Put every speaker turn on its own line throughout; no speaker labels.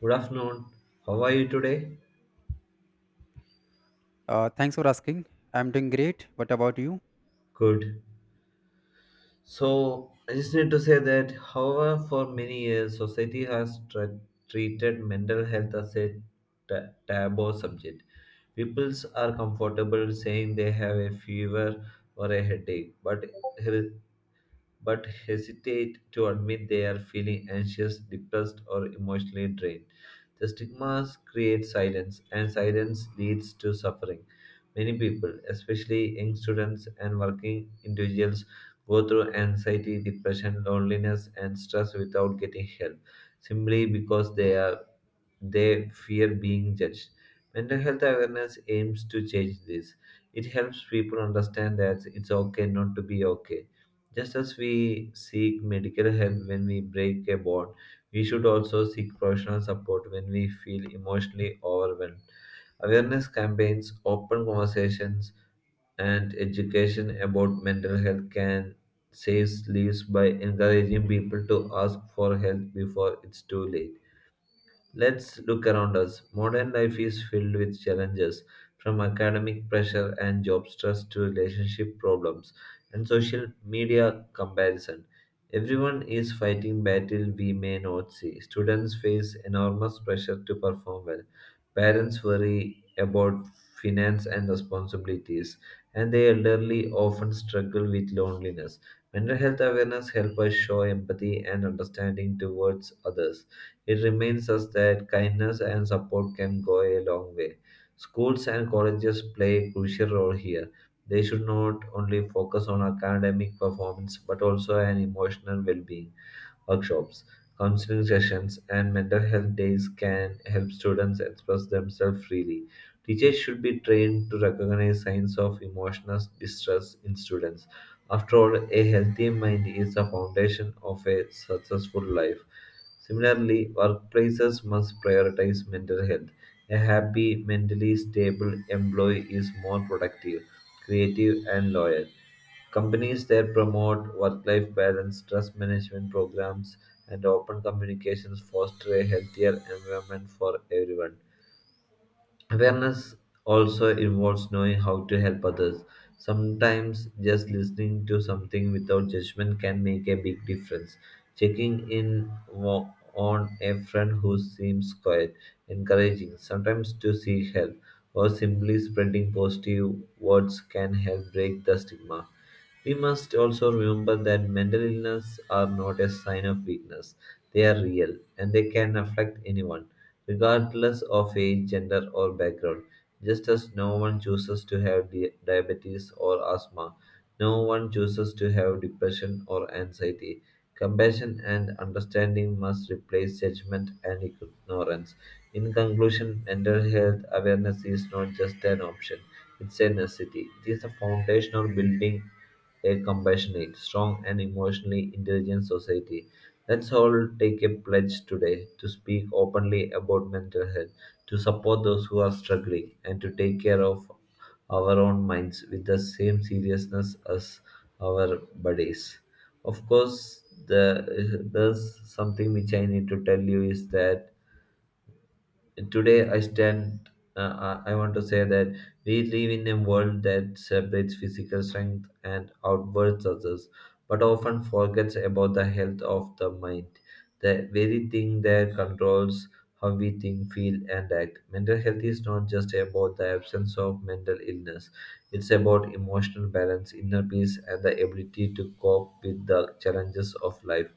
Good afternoon. How are you today?
Thanks for asking. I'm doing great. What about you?
Good. So, I just need to say that, however, for many years, society has treated mental health as a taboo subject. People are comfortable saying they have a fever or a headache, but he- but hesitate to admit they are feeling anxious, depressed, or emotionally drained. The stigmas create silence, and silence leads to suffering. Many people, especially young students and working individuals, go through anxiety, depression, loneliness, and stress without getting help simply because they fear being judged. Mental health awareness aims to change this. It helps people understand that it's okay not to be okay. Just as we seek medical help when we break a bone, we should also seek professional support when we feel emotionally overwhelmed. Awareness campaigns, open conversations, and education about mental health can save lives by encouraging people to ask for help before it's too late. Let's look around us. Modern life is filled with challenges, from academic pressure and job stress to relationship problems and social media comparison. Everyone is fighting battle we may not see. Students face enormous pressure to perform well. Parents worry about finance and responsibilities, and the elderly often struggle with loneliness. Mental health awareness helps us show empathy and understanding towards others. It reminds us that kindness and support can go a long way. Schools and colleges play a crucial role here. They should not only focus on academic performance but also on emotional well being. Workshops, counseling sessions, and mental health days can help students express themselves freely. Teachers should be trained to recognize signs of emotional distress in students. After all, a healthy mind is the foundation of a successful life. Similarly, workplaces must prioritize mental health. A happy, mentally stable employee is more productive, creative, and loyal. Companies that promote work life balance, stress management programs, and open communications foster a healthier environment for everyone. Awareness also involves knowing how to help others. Sometimes just listening to something without judgment can make a big difference. Checking in on a friend who seems quiet, encouraging, sometimes to seek help, or simply spreading positive words can help break the stigma. We must also remember that mental illness are not a sign of weakness. They are real and they can affect anyone regardless of age, gender, or background. Just as no one chooses to have diabetes or asthma, no one chooses to have depression or anxiety. Compassion and understanding must replace judgment and ignorance. In conclusion, mental health awareness is not just an option, it's a necessity. It is the foundation of building a compassionate, strong, and emotionally intelligent society. Let's all take a pledge today to speak openly about mental health, to support those who are struggling, and to take care of our own minds with the same seriousness as our bodies. Of course, there's something which I need to tell you is that today I stand. I want to say that we live in a world that celebrates physical strength and outward success, but often forgets about the health of the mind, the very thing that controls how we think, feel, and act. Mental health is not just about the absence of mental illness; it's about emotional balance, inner peace, and the ability to cope with the challenges of life.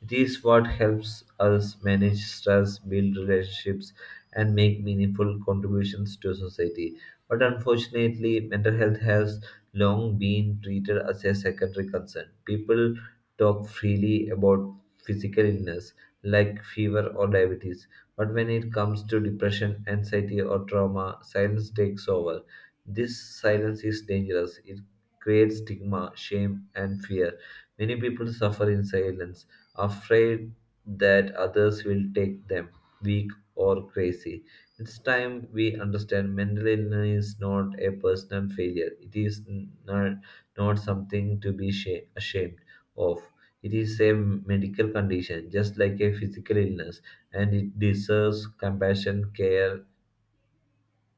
It is what helps us manage stress, build relationships, and make meaningful contributions to society. But unfortunately, mental health has long been treated as a secondary concern. People talk freely about physical illness like fever or diabetes, but when it comes to depression, anxiety, or trauma, silence takes over. This silence is dangerous. It creates stigma, shame, and fear. Many people suffer in silence, afraid that others will take them weak or crazy. It's time we understand mental illness is not a personal failure. It is not, not something to be ashamed of. It is a medical condition, just like a physical illness, and it deserves compassion, care,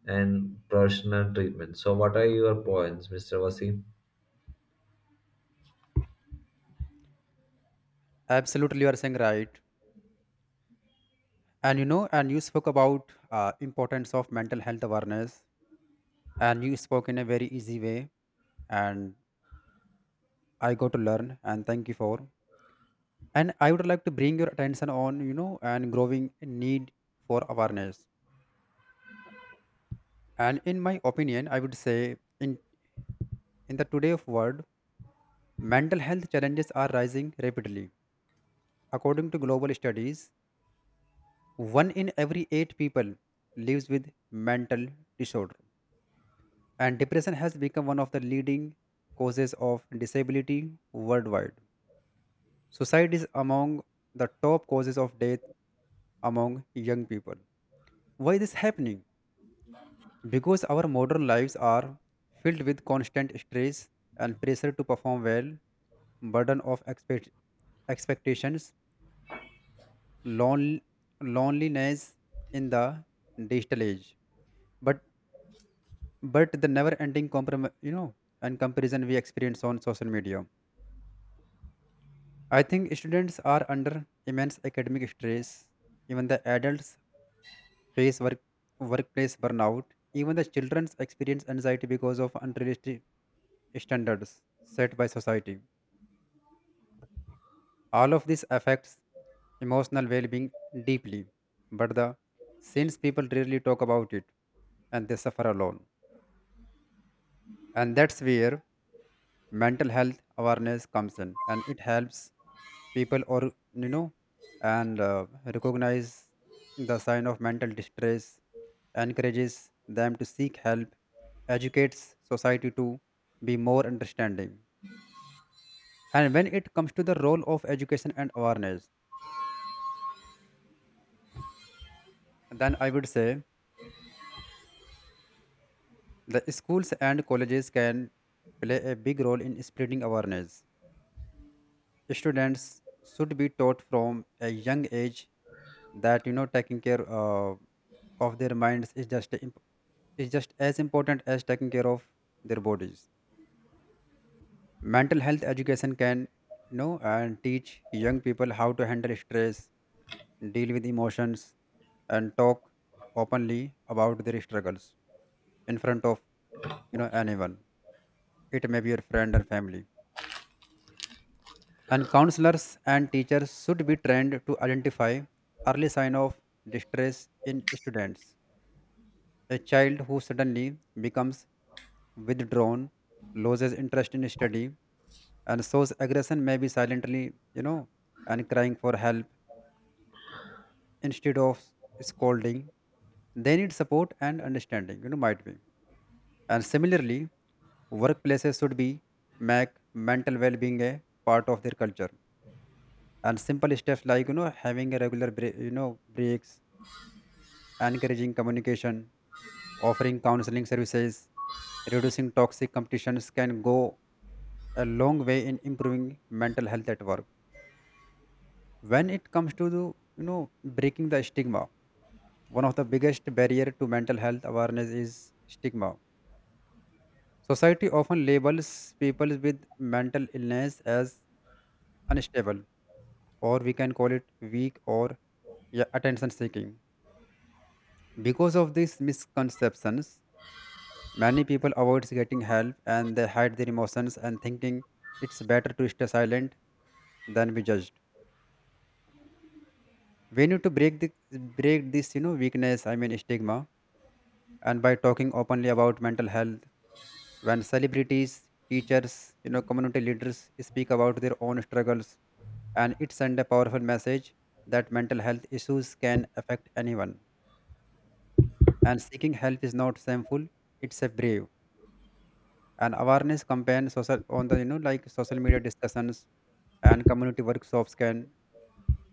and professional treatment. So, what are your points, Mr. Wasim?
Absolutely, you are saying right. And you know, and you spoke about importance of mental health awareness, and you spoke in a very easy way, and I got to learn. And thank you for. And I would like to bring your attention on you know and growing need for awareness. And in my opinion, I would say in the today of world, mental health challenges are rising rapidly. According to global studies, one in every 8 people lives with mental disorder, and depression has become one of the leading causes of disability worldwide. Suicide is among the top causes of death among young people. Why is this happening? Because our modern lives are filled with constant stress and pressure to perform well, burden of expectations, lon- loneliness in the digital age. But but the never ending you know and comparison we experience on social media. I think students are under immense academic stress, even the adults face workplace burnout, even the children experience anxiety because of unrealistic standards set by society. All of this affects emotional well-being deeply, but the since people rarely talk about it, and they suffer alone. And that's where mental health awareness comes in, and it helps people or you know and recognize the sign of mental distress, encourages them to seek help, educates society to be more understanding. And when it comes to the role of education and awareness, then I would say the schools and colleges can play a big role in spreading awareness. Students should be taught from a young age that you know taking care of their minds is is just as important as taking care of their bodies. Mental health education can you know and teach young people how to handle stress, deal with emotions, and talk openly about their struggles in front of you know anyone. It may be your friend and family. And counselors and teachers should be trained to identify early sign of distress in students. A child who suddenly becomes withdrawn, loses interest in study, and shows aggression may be silently, you know, and crying for help instead of scolding. They need support and understanding, you know, might be. And similarly, workplaces should be make mental well-being a part of their culture. And simple steps like you know having a regular break, you know breaks, encouraging communication, offering counseling services, reducing toxic competitions can go a long way in improving mental health at work. When it comes to the, you know breaking the stigma, one of the biggest barrier to mental health awareness is stigma. Society often labels people with mental illness as unstable, or we can call it weak or yeah, attention seeking. Because of these misconceptions, many people avoid getting help and they hide their emotions and thinking it's better to stay silent than be judged. We need to break this, you know, weakness, I mean stigma, and by talking openly about mental health. When celebrities, teachers, you know, community leaders speak about their own struggles, and it send a powerful message that mental health issues can affect anyone. And seeking help is not shameful, it's a brave. And awareness campaign social on the you know like social media discussions and community workshops can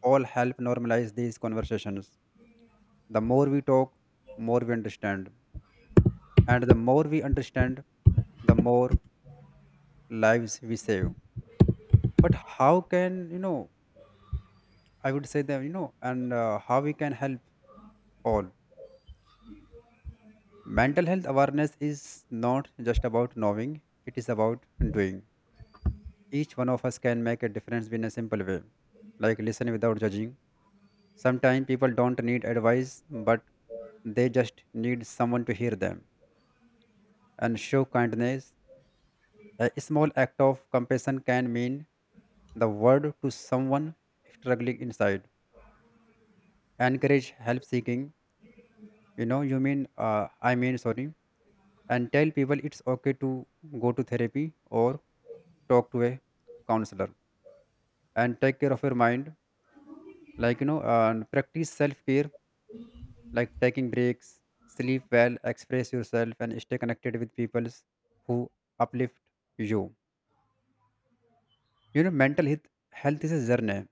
all help normalize these conversations. The more we talk, more we understand, and the more we understand, the more lives we save. But how can you know I would say that you know and how we can help all. Mental health awareness is not just about knowing, it is about doing. Each one of us can make a difference in a simple way, like listen without judging. Sometimes people don't need advice, but they just need someone to hear them and show kindness. A small act of compassion can mean the world to someone struggling inside. Encourage help seeking. You know, you mean, I mean, sorry, and tell people it's okay to go to therapy or talk to a counselor and take care of your mind. Like, you know, and practice self care like taking breaks, sleep well, express yourself, and stay connected with people who uplift you. You know, health is a journey,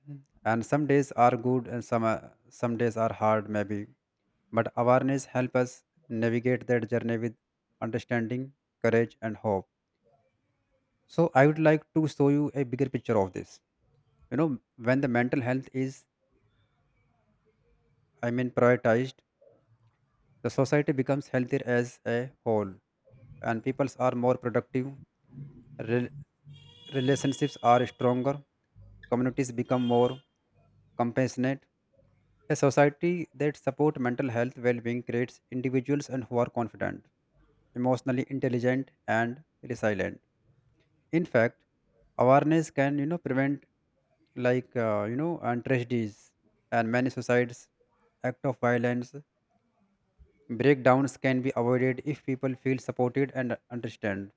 and some days are good and some days are hard, maybe. But awareness helps us navigate that journey with understanding, courage, and hope. So, I would like to show you a bigger picture of this. You know, when the mental health is, I mean, prioritized, the society becomes healthier as a whole, and people are more productive. Rel- Relationships are stronger, communities become more compassionate. A society that supports mental health well-being creates individuals and who are confident, emotionally intelligent, and resilient. In fact, awareness can you know prevent like you know and tragedies, and many suicides, act of violence, breakdowns can be avoided if people feel supported and understand.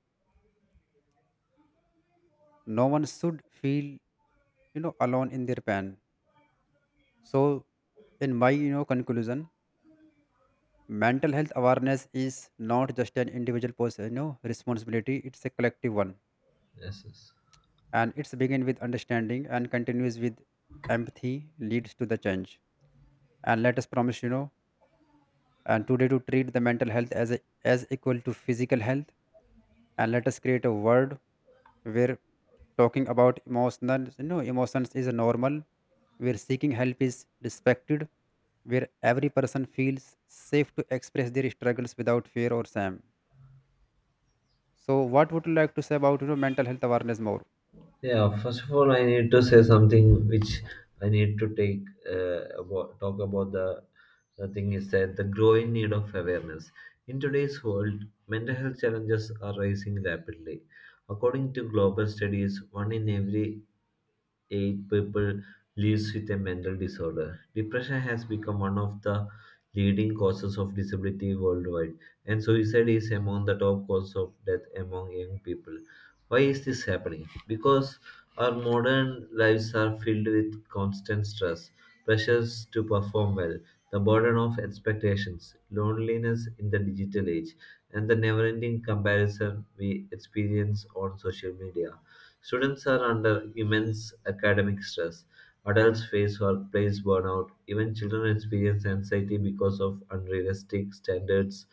No one should feel you know alone in their pain. So, in my you know conclusion, mental health awareness is not just an individual person, you know, responsibility. It's a collective one,
Yes. Yes.
and it's begin with understanding and continues with empathy leads to the change. And let us promise, you know, and today to treat the mental health as as equal to physical health, and let us create a world where talking about emotions you know emotions is normal, where seeking help is respected, where every person feels safe to express their struggles without fear or shame. So what would you like to say about you know mental health awareness more?
Yeah, first of all, I need to say something which I need to take talk about the thing is that the growing need of awareness. In today's world, mental health challenges are rising rapidly. According to global studies, one in every 8 people lives with a mental disorder. Depression has become one of the leading causes of disability worldwide, and suicide is among the top cause of death among young people. Why is this happening? Because our modern lives are filled with constant stress, pressures to perform well, the burden of expectations, loneliness in the digital age, and the never ending comparison we experience on social media. Students are under immense academic stress. Adults face workplace burnout. Even children experience anxiety because of unrealistic standards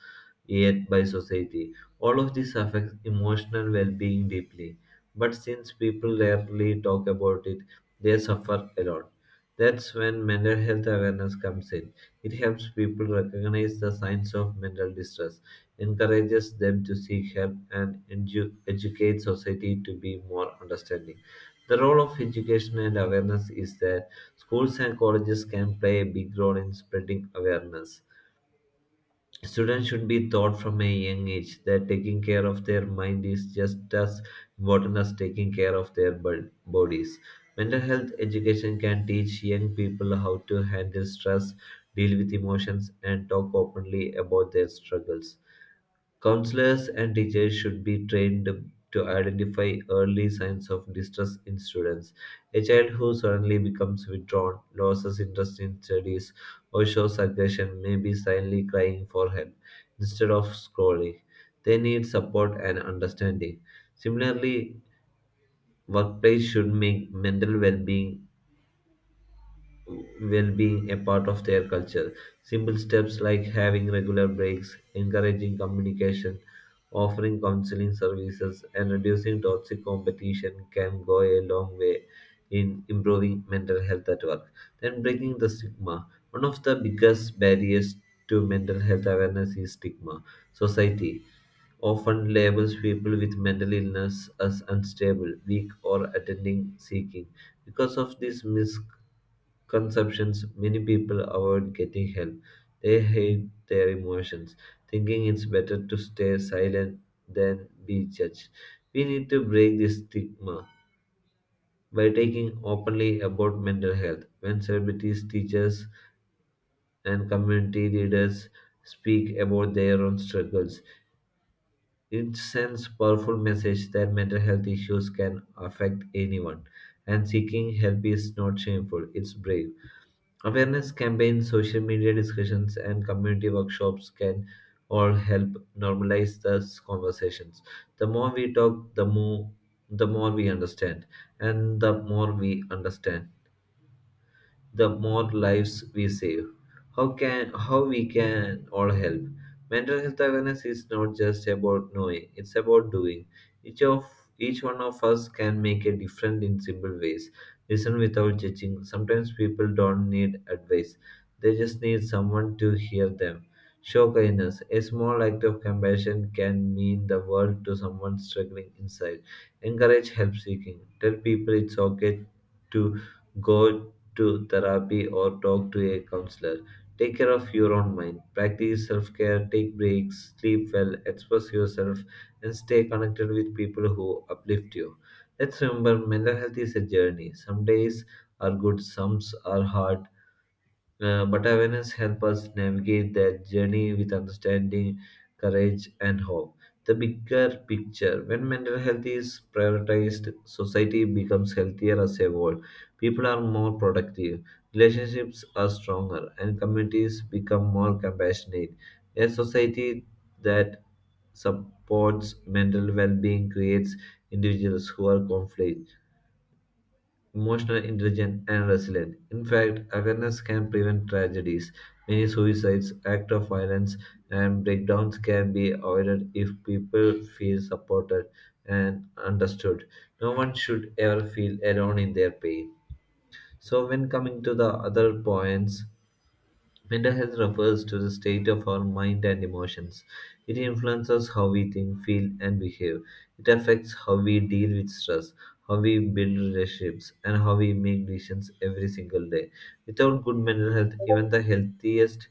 yet by society. All of this affects emotional well being deeply. But since people rarely talk about it, they suffer a lot. That's when mental health awareness comes in. It helps people recognize the signs of mental distress encourages them to seek help, and educates society to be more understanding. The role of education and awareness is that schools and colleges can play a big role in spreading awareness. Students should be taught from a young age that taking care of their mind is just as important as taking care of their bodies. Mental health education can teach young people how to handle stress, deal with emotions, and talk openly about their struggles. Counselors and teachers should be trained to identify early signs of distress in students. A child who suddenly becomes withdrawn, loses interest in studies, or shows aggression may be silently crying for help instead of scolding. They need support and understanding. Similarly, workplace should make mental well-being a part of their culture. Simple steps like having regular breaks, encouraging communication, offering counseling services and reducing toxic competition can go a long way in improving mental health at work. Then, breaking the stigma. One of the biggest barriers to mental health awareness is stigma. Society often labels people with mental illness as unstable, weak, or attending seeking. Because of this conceptions, many people avoid getting help. They hide their emotions, thinking it's better to stay silent than be judged. We need to break this stigma by taking openly about mental health. When celebrities, teachers, and community leaders speak about their own struggles, it sends powerful message that mental health issues can affect anyone, and seeking help is not shameful; it's brave. Awareness campaigns, social media discussions, and community workshops can all help normalize these conversations. The more we talk, the more we understand, and the more we understand, the more lives we save. How we can all help? Mental health awareness is not just about knowing, it's about doing. Each of each one of us can make a difference in simple ways. Listen without judging. Sometimes people don't need advice. They just need someone to hear them. Show kindness. A small act of compassion can mean the world to someone struggling inside. Encourage help seeking. Tell people it's okay to go to therapy or talk to a counselor. Take care of your own mind. Practice self care, take breaks, sleep well, express yourself, and stay connected with people who uplift you. Let's remember mental health is a journey. Some days are good, some are hard, but awareness helps us navigate that journey with understanding, courage, and hope. The bigger picture when mental health is prioritized, society becomes healthier as a whole. People are more productive, relationships are stronger, and communities become more compassionate. A society that supports mental well being creates individuals who are conflict emotional intelligent, and resilient. In fact, awareness can prevent tragedies. Many suicides, acts of violence, and breakdowns can be avoided if people feel supported and understood. No one should ever feel alone in their pain. So, when coming to the other points, mental health refers to the state of our mind and emotions. It influences how we think, feel, and behave. It affects how we deal with stress, how we build relationships, and how we make decisions every single day. Without good mental health, even the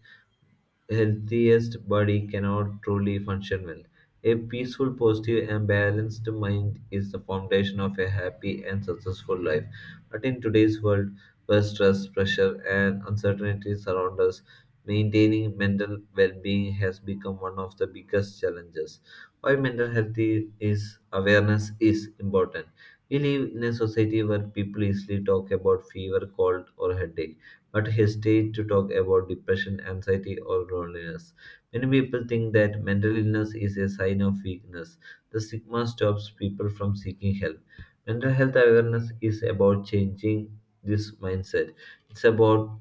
healthiest body cannot truly function well. A peaceful, positive, and balanced mind is the foundation of a happy and successful life. But in today's world, where stress, pressure, and uncertainty surround us, maintaining mental well being has become one of the biggest challenges. Why mental health I- is awareness is important. We live in a society where people easily talk about fever, cold, or headache but hesitate to talk about depression, anxiety, or loneliness. Many people think that mental illness is a sign of weakness. The stigma stops people from seeking help. Mental health awareness is about changing this mindset. It's about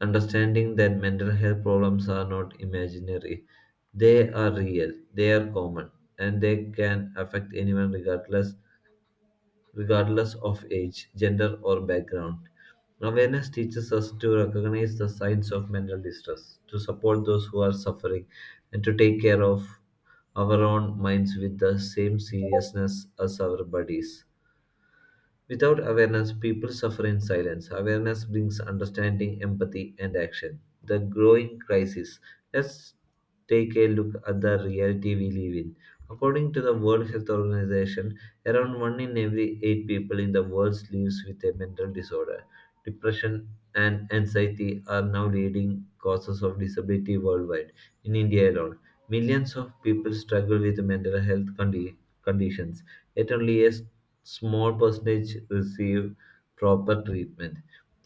understanding that mental health problems are not imaginary. They are real, they are common, and they can affect anyone regardless of age, gender, or background. Awareness teaches us to recognize the signs of mental distress, to support those who are suffering, and to take care of our own minds with the same seriousness as our bodies. Without awareness, people suffer in silence. Awareness brings understanding, empathy, and action. The growing crisis. Let's take a look at the reality we live in. According to the World Health Organization, around 1 in every 8 people in the world lives with a mental disorder. Depression and anxiety are now leading causes of disability worldwide. In India alone, millions of people struggle with mental health conditions, yet only a small percentage receive proper treatment.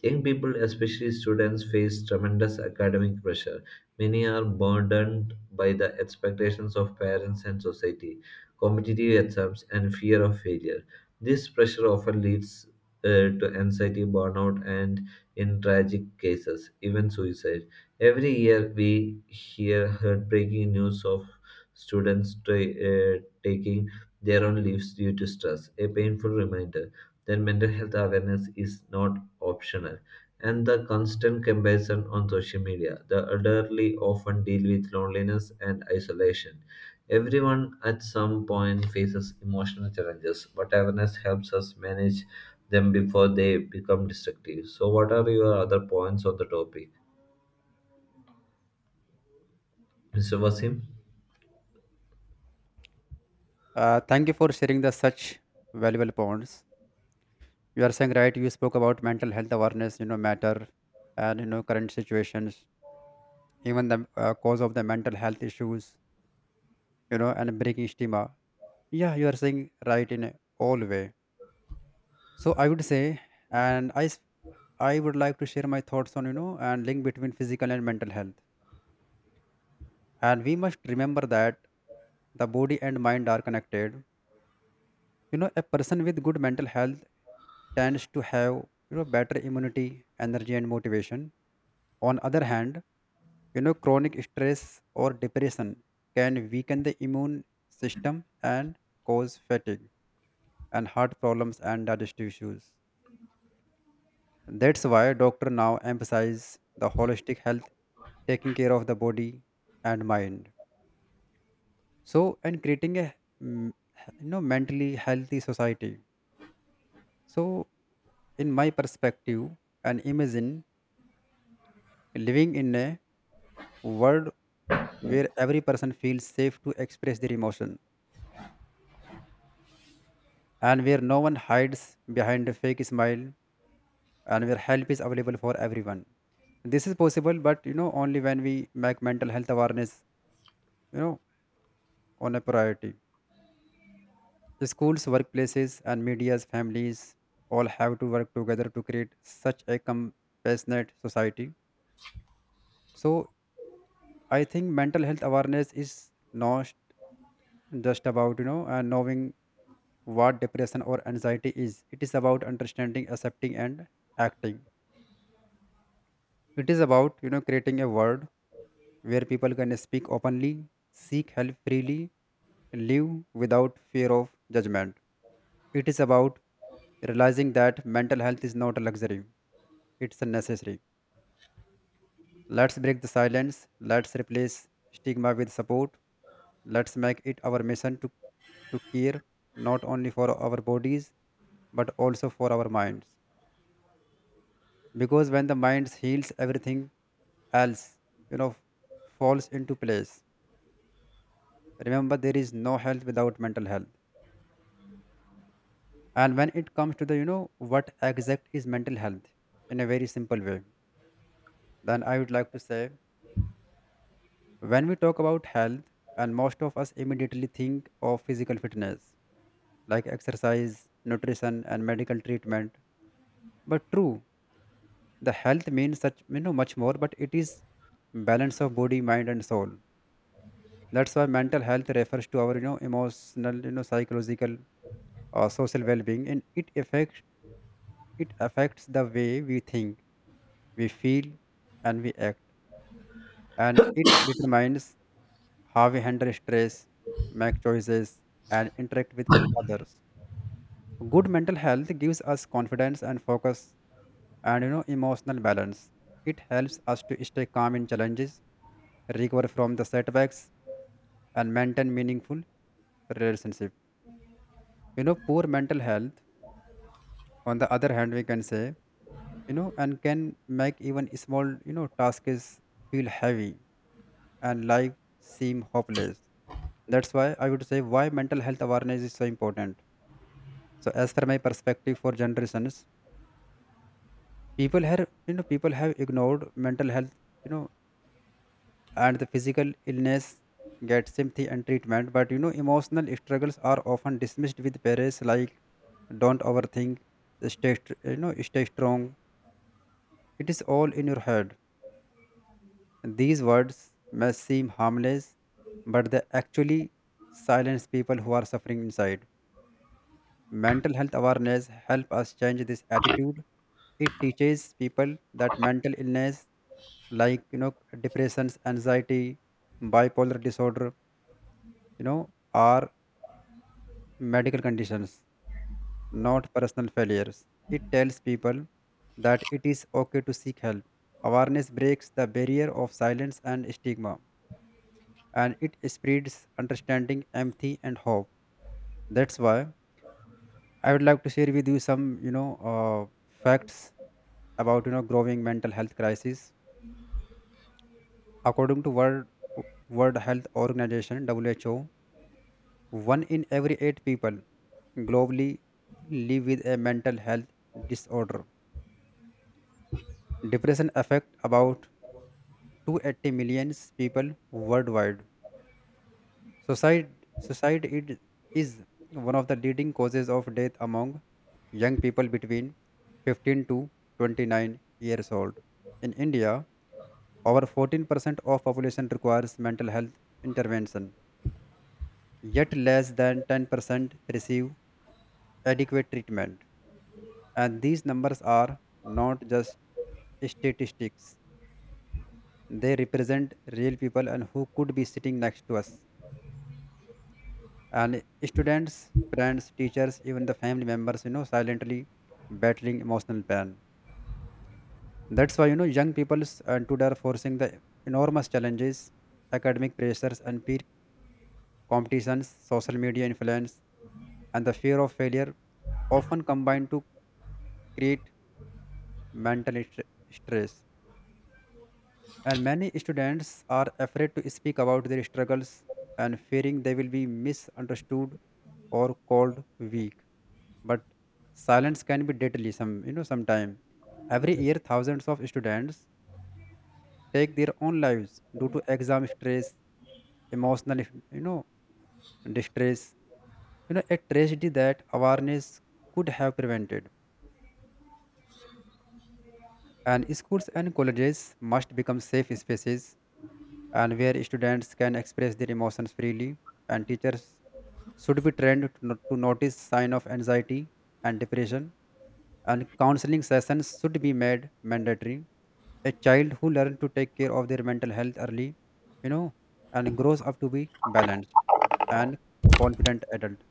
Young people, especially students, face tremendous academic pressure. Many are burdened by the expectations of parents and society, competitive exams, and fear of failure. This pressure often leads to anxiety, burnout, and in tragic cases, even suicide. Every year, we hear heartbreaking news of students taking their own lives due to stress, a painful reminder that mental health awareness is not optional. And the constant comparison on social media, the elderly often deal with loneliness and isolation. Everyone at some point faces emotional challenges, but awareness helps us manage them before they become destructive. So, what are your other points on the topic, Mr. Wasim?
Thank you for sharing the such valuable points. You are saying right. You spoke about mental health awareness, you know, matter, and you know current situations, even the cause of the mental health issues, you know, and breaking stigma. Yeah, you are saying right in a all way. So I would say, and I s- I would like to share my thoughts on you know and link between physical and mental health. And we must remember that the body and mind are connected. You know, a person with good mental health tends to have you know better immunity, energy, and motivation. On other hand, you know, chronic stress or depression can weaken the immune system and cause fatigue and heart problems and digestive issues. That's why doctor now emphasize the holistic health, taking care of the body and mind. So and creating a mm, you know mentally healthy society. So in my perspective and imagine living in a world where every person feels safe to express their emotion, and where no one hides behind a fake smile, and where help is available for everyone. This is possible but you know only when we make mental health awareness you know on a priority. Schools, workplaces, and media's families all have to work together to create such a compassionate society. So I think mental health awareness is not just about you know knowing what depression or anxiety is. It is about understanding, accepting, and acting. It is about you know creating a world where people can speak openly, seek help freely, live without fear of judgment. It is about realizing that mental health is not a luxury, it's a necessary. Let's break the silence, let's replace stigma with support, let's make it our mission to care not only for our bodies but also for our minds. Because when the mind heals, everything else, you know, falls into place. Remember there is no health without mental health. And when it comes to the you know what exact is mental health in a very simple way, then I would like to say, when we talk about health, and most of us immediately think of physical fitness, like exercise, nutrition, and medical treatment. But true the health means such you know much more, but it is balance of body, mind, and soul. That's why mental health refers to our you know emotional you know psychological or social well-being, and it affects. It affects the way we think, we feel, and we act, and it determines how we handle stress, make choices, and interact with others. Good mental health gives us confidence and focus and you know emotional balance. It helps us to stay calm in challenges, recover from the setbacks, and maintain meaningful relationship. You know, poor mental health, on the other hand, we can say, you know, and can make even small, you know, tasks feel heavy and life seem hopeless. That's why I would say why mental health awareness is so important. So as per my perspective for generations, people have you know people have ignored mental health, you know, and the physical illness get sympathy and treatment, but you know emotional struggles are often dismissed with parents like don't overthink, you know stay strong. It is all in your head. These words may seem harmless, but they actually silence people who are suffering inside. Mental health awareness help us change this attitude. It teaches people that mental illness like you know depressions, anxiety, bipolar disorder, you know, are medical conditions, not personal failures. It tells people that it is okay to seek help. Awareness breaks the barrier of silence and stigma, and it spreads understanding, empathy, and hope. That's why I would like to share with you some, you know, facts about you know growing mental health crisis. According to World Health Organization (WHO), one in every eight people globally live with a mental health disorder. Depression affects about 280 million people worldwide. Suicide, suicide it is one of the leading causes of death among young people between 15 to 29 years old. In India, over 14% of population requires mental health intervention, yet less than 10% receive adequate treatment. And these numbers are not just statistics. They represent real people and who could be sitting next to us, and students, friends, teachers, even the family members, you know, silently battling emotional pain. That's why you know young people and today are forcing the enormous challenges, academic pressures, and peer competitions, social media influence, and the fear of failure, often combine to create mental stre- stress. And many students are afraid to speak about their struggles and fearing they will be misunderstood or called weak. But silence can be deadly some you know sometime. Every year thousands of students take their own lives due to exam stress, emotional you know distress, you know, a tragedy that awareness could have prevented. And schools and colleges must become safe spaces, and where students can express their emotions freely, and teachers should be trained to, to notice sign of anxiety and depression, and counseling sessions should be made mandatory. A child who learns to take care of their mental health early, you know, and grows up to be balanced and confident adult.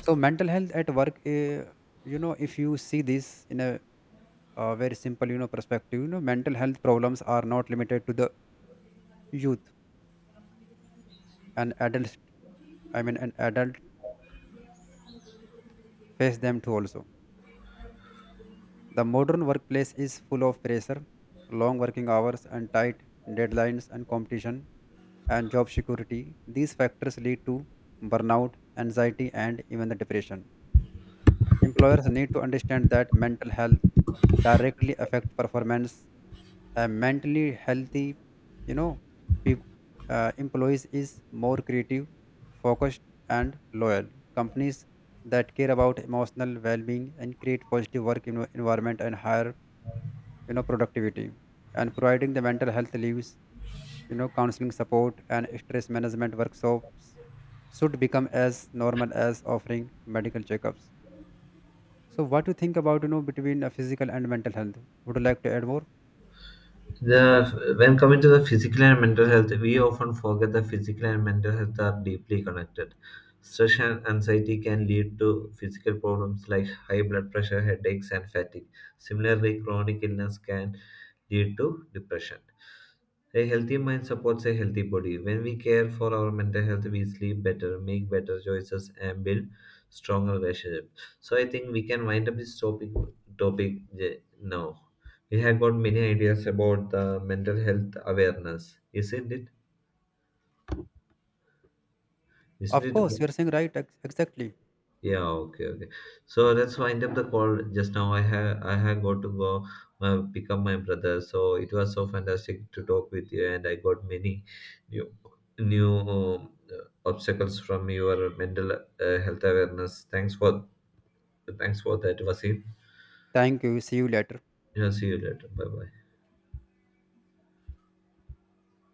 So mental health at work, you know, if you see this in a very simple, you know, perspective, you know, mental health problems are not limited to the youth and adults. I mean, an adult face them too also. The modern workplace is full of pressure, long working hours, and tight deadlines and competition and job security. These factors lead to burnout, anxiety, and even the depression. Employers need to understand that mental health directly affect performance. A mentally healthy, you know, peop- employees is more creative, focused, and loyal. Companies that care about emotional well-being and create positive work environment and hire you know productivity, and providing the mental health leaves you know counseling support and stress management workshops should become as normal as offering medical checkups. So what do you think about you know between physical and mental health? Would you like to add more?
The, when coming to the physical and mental health, we often forget that physical and mental health are deeply connected. Stress and anxiety can lead to physical problems like high blood pressure, headaches, and fatigue. Similarly, chronic illness can lead to depression. A healthy mind supports a healthy body. When we care for our mental health, we sleep better, make better choices, and build stronger relationships. So I think we can wind up this topic eh, now. We have got many ideas about the mental health awareness, isn't it?
Of
Isn't
course
it?
you're saying right, exactly.
Yeah, okay, okay. So that's wind up the call just now. I have got to go pick up my brother. So it was so fantastic to talk with you, and I got many new new um, uh, obstacles from your mental health awareness. Thanks for that, Vasim.
Thank you, see you later.
Yeah, see you later. Bye bye.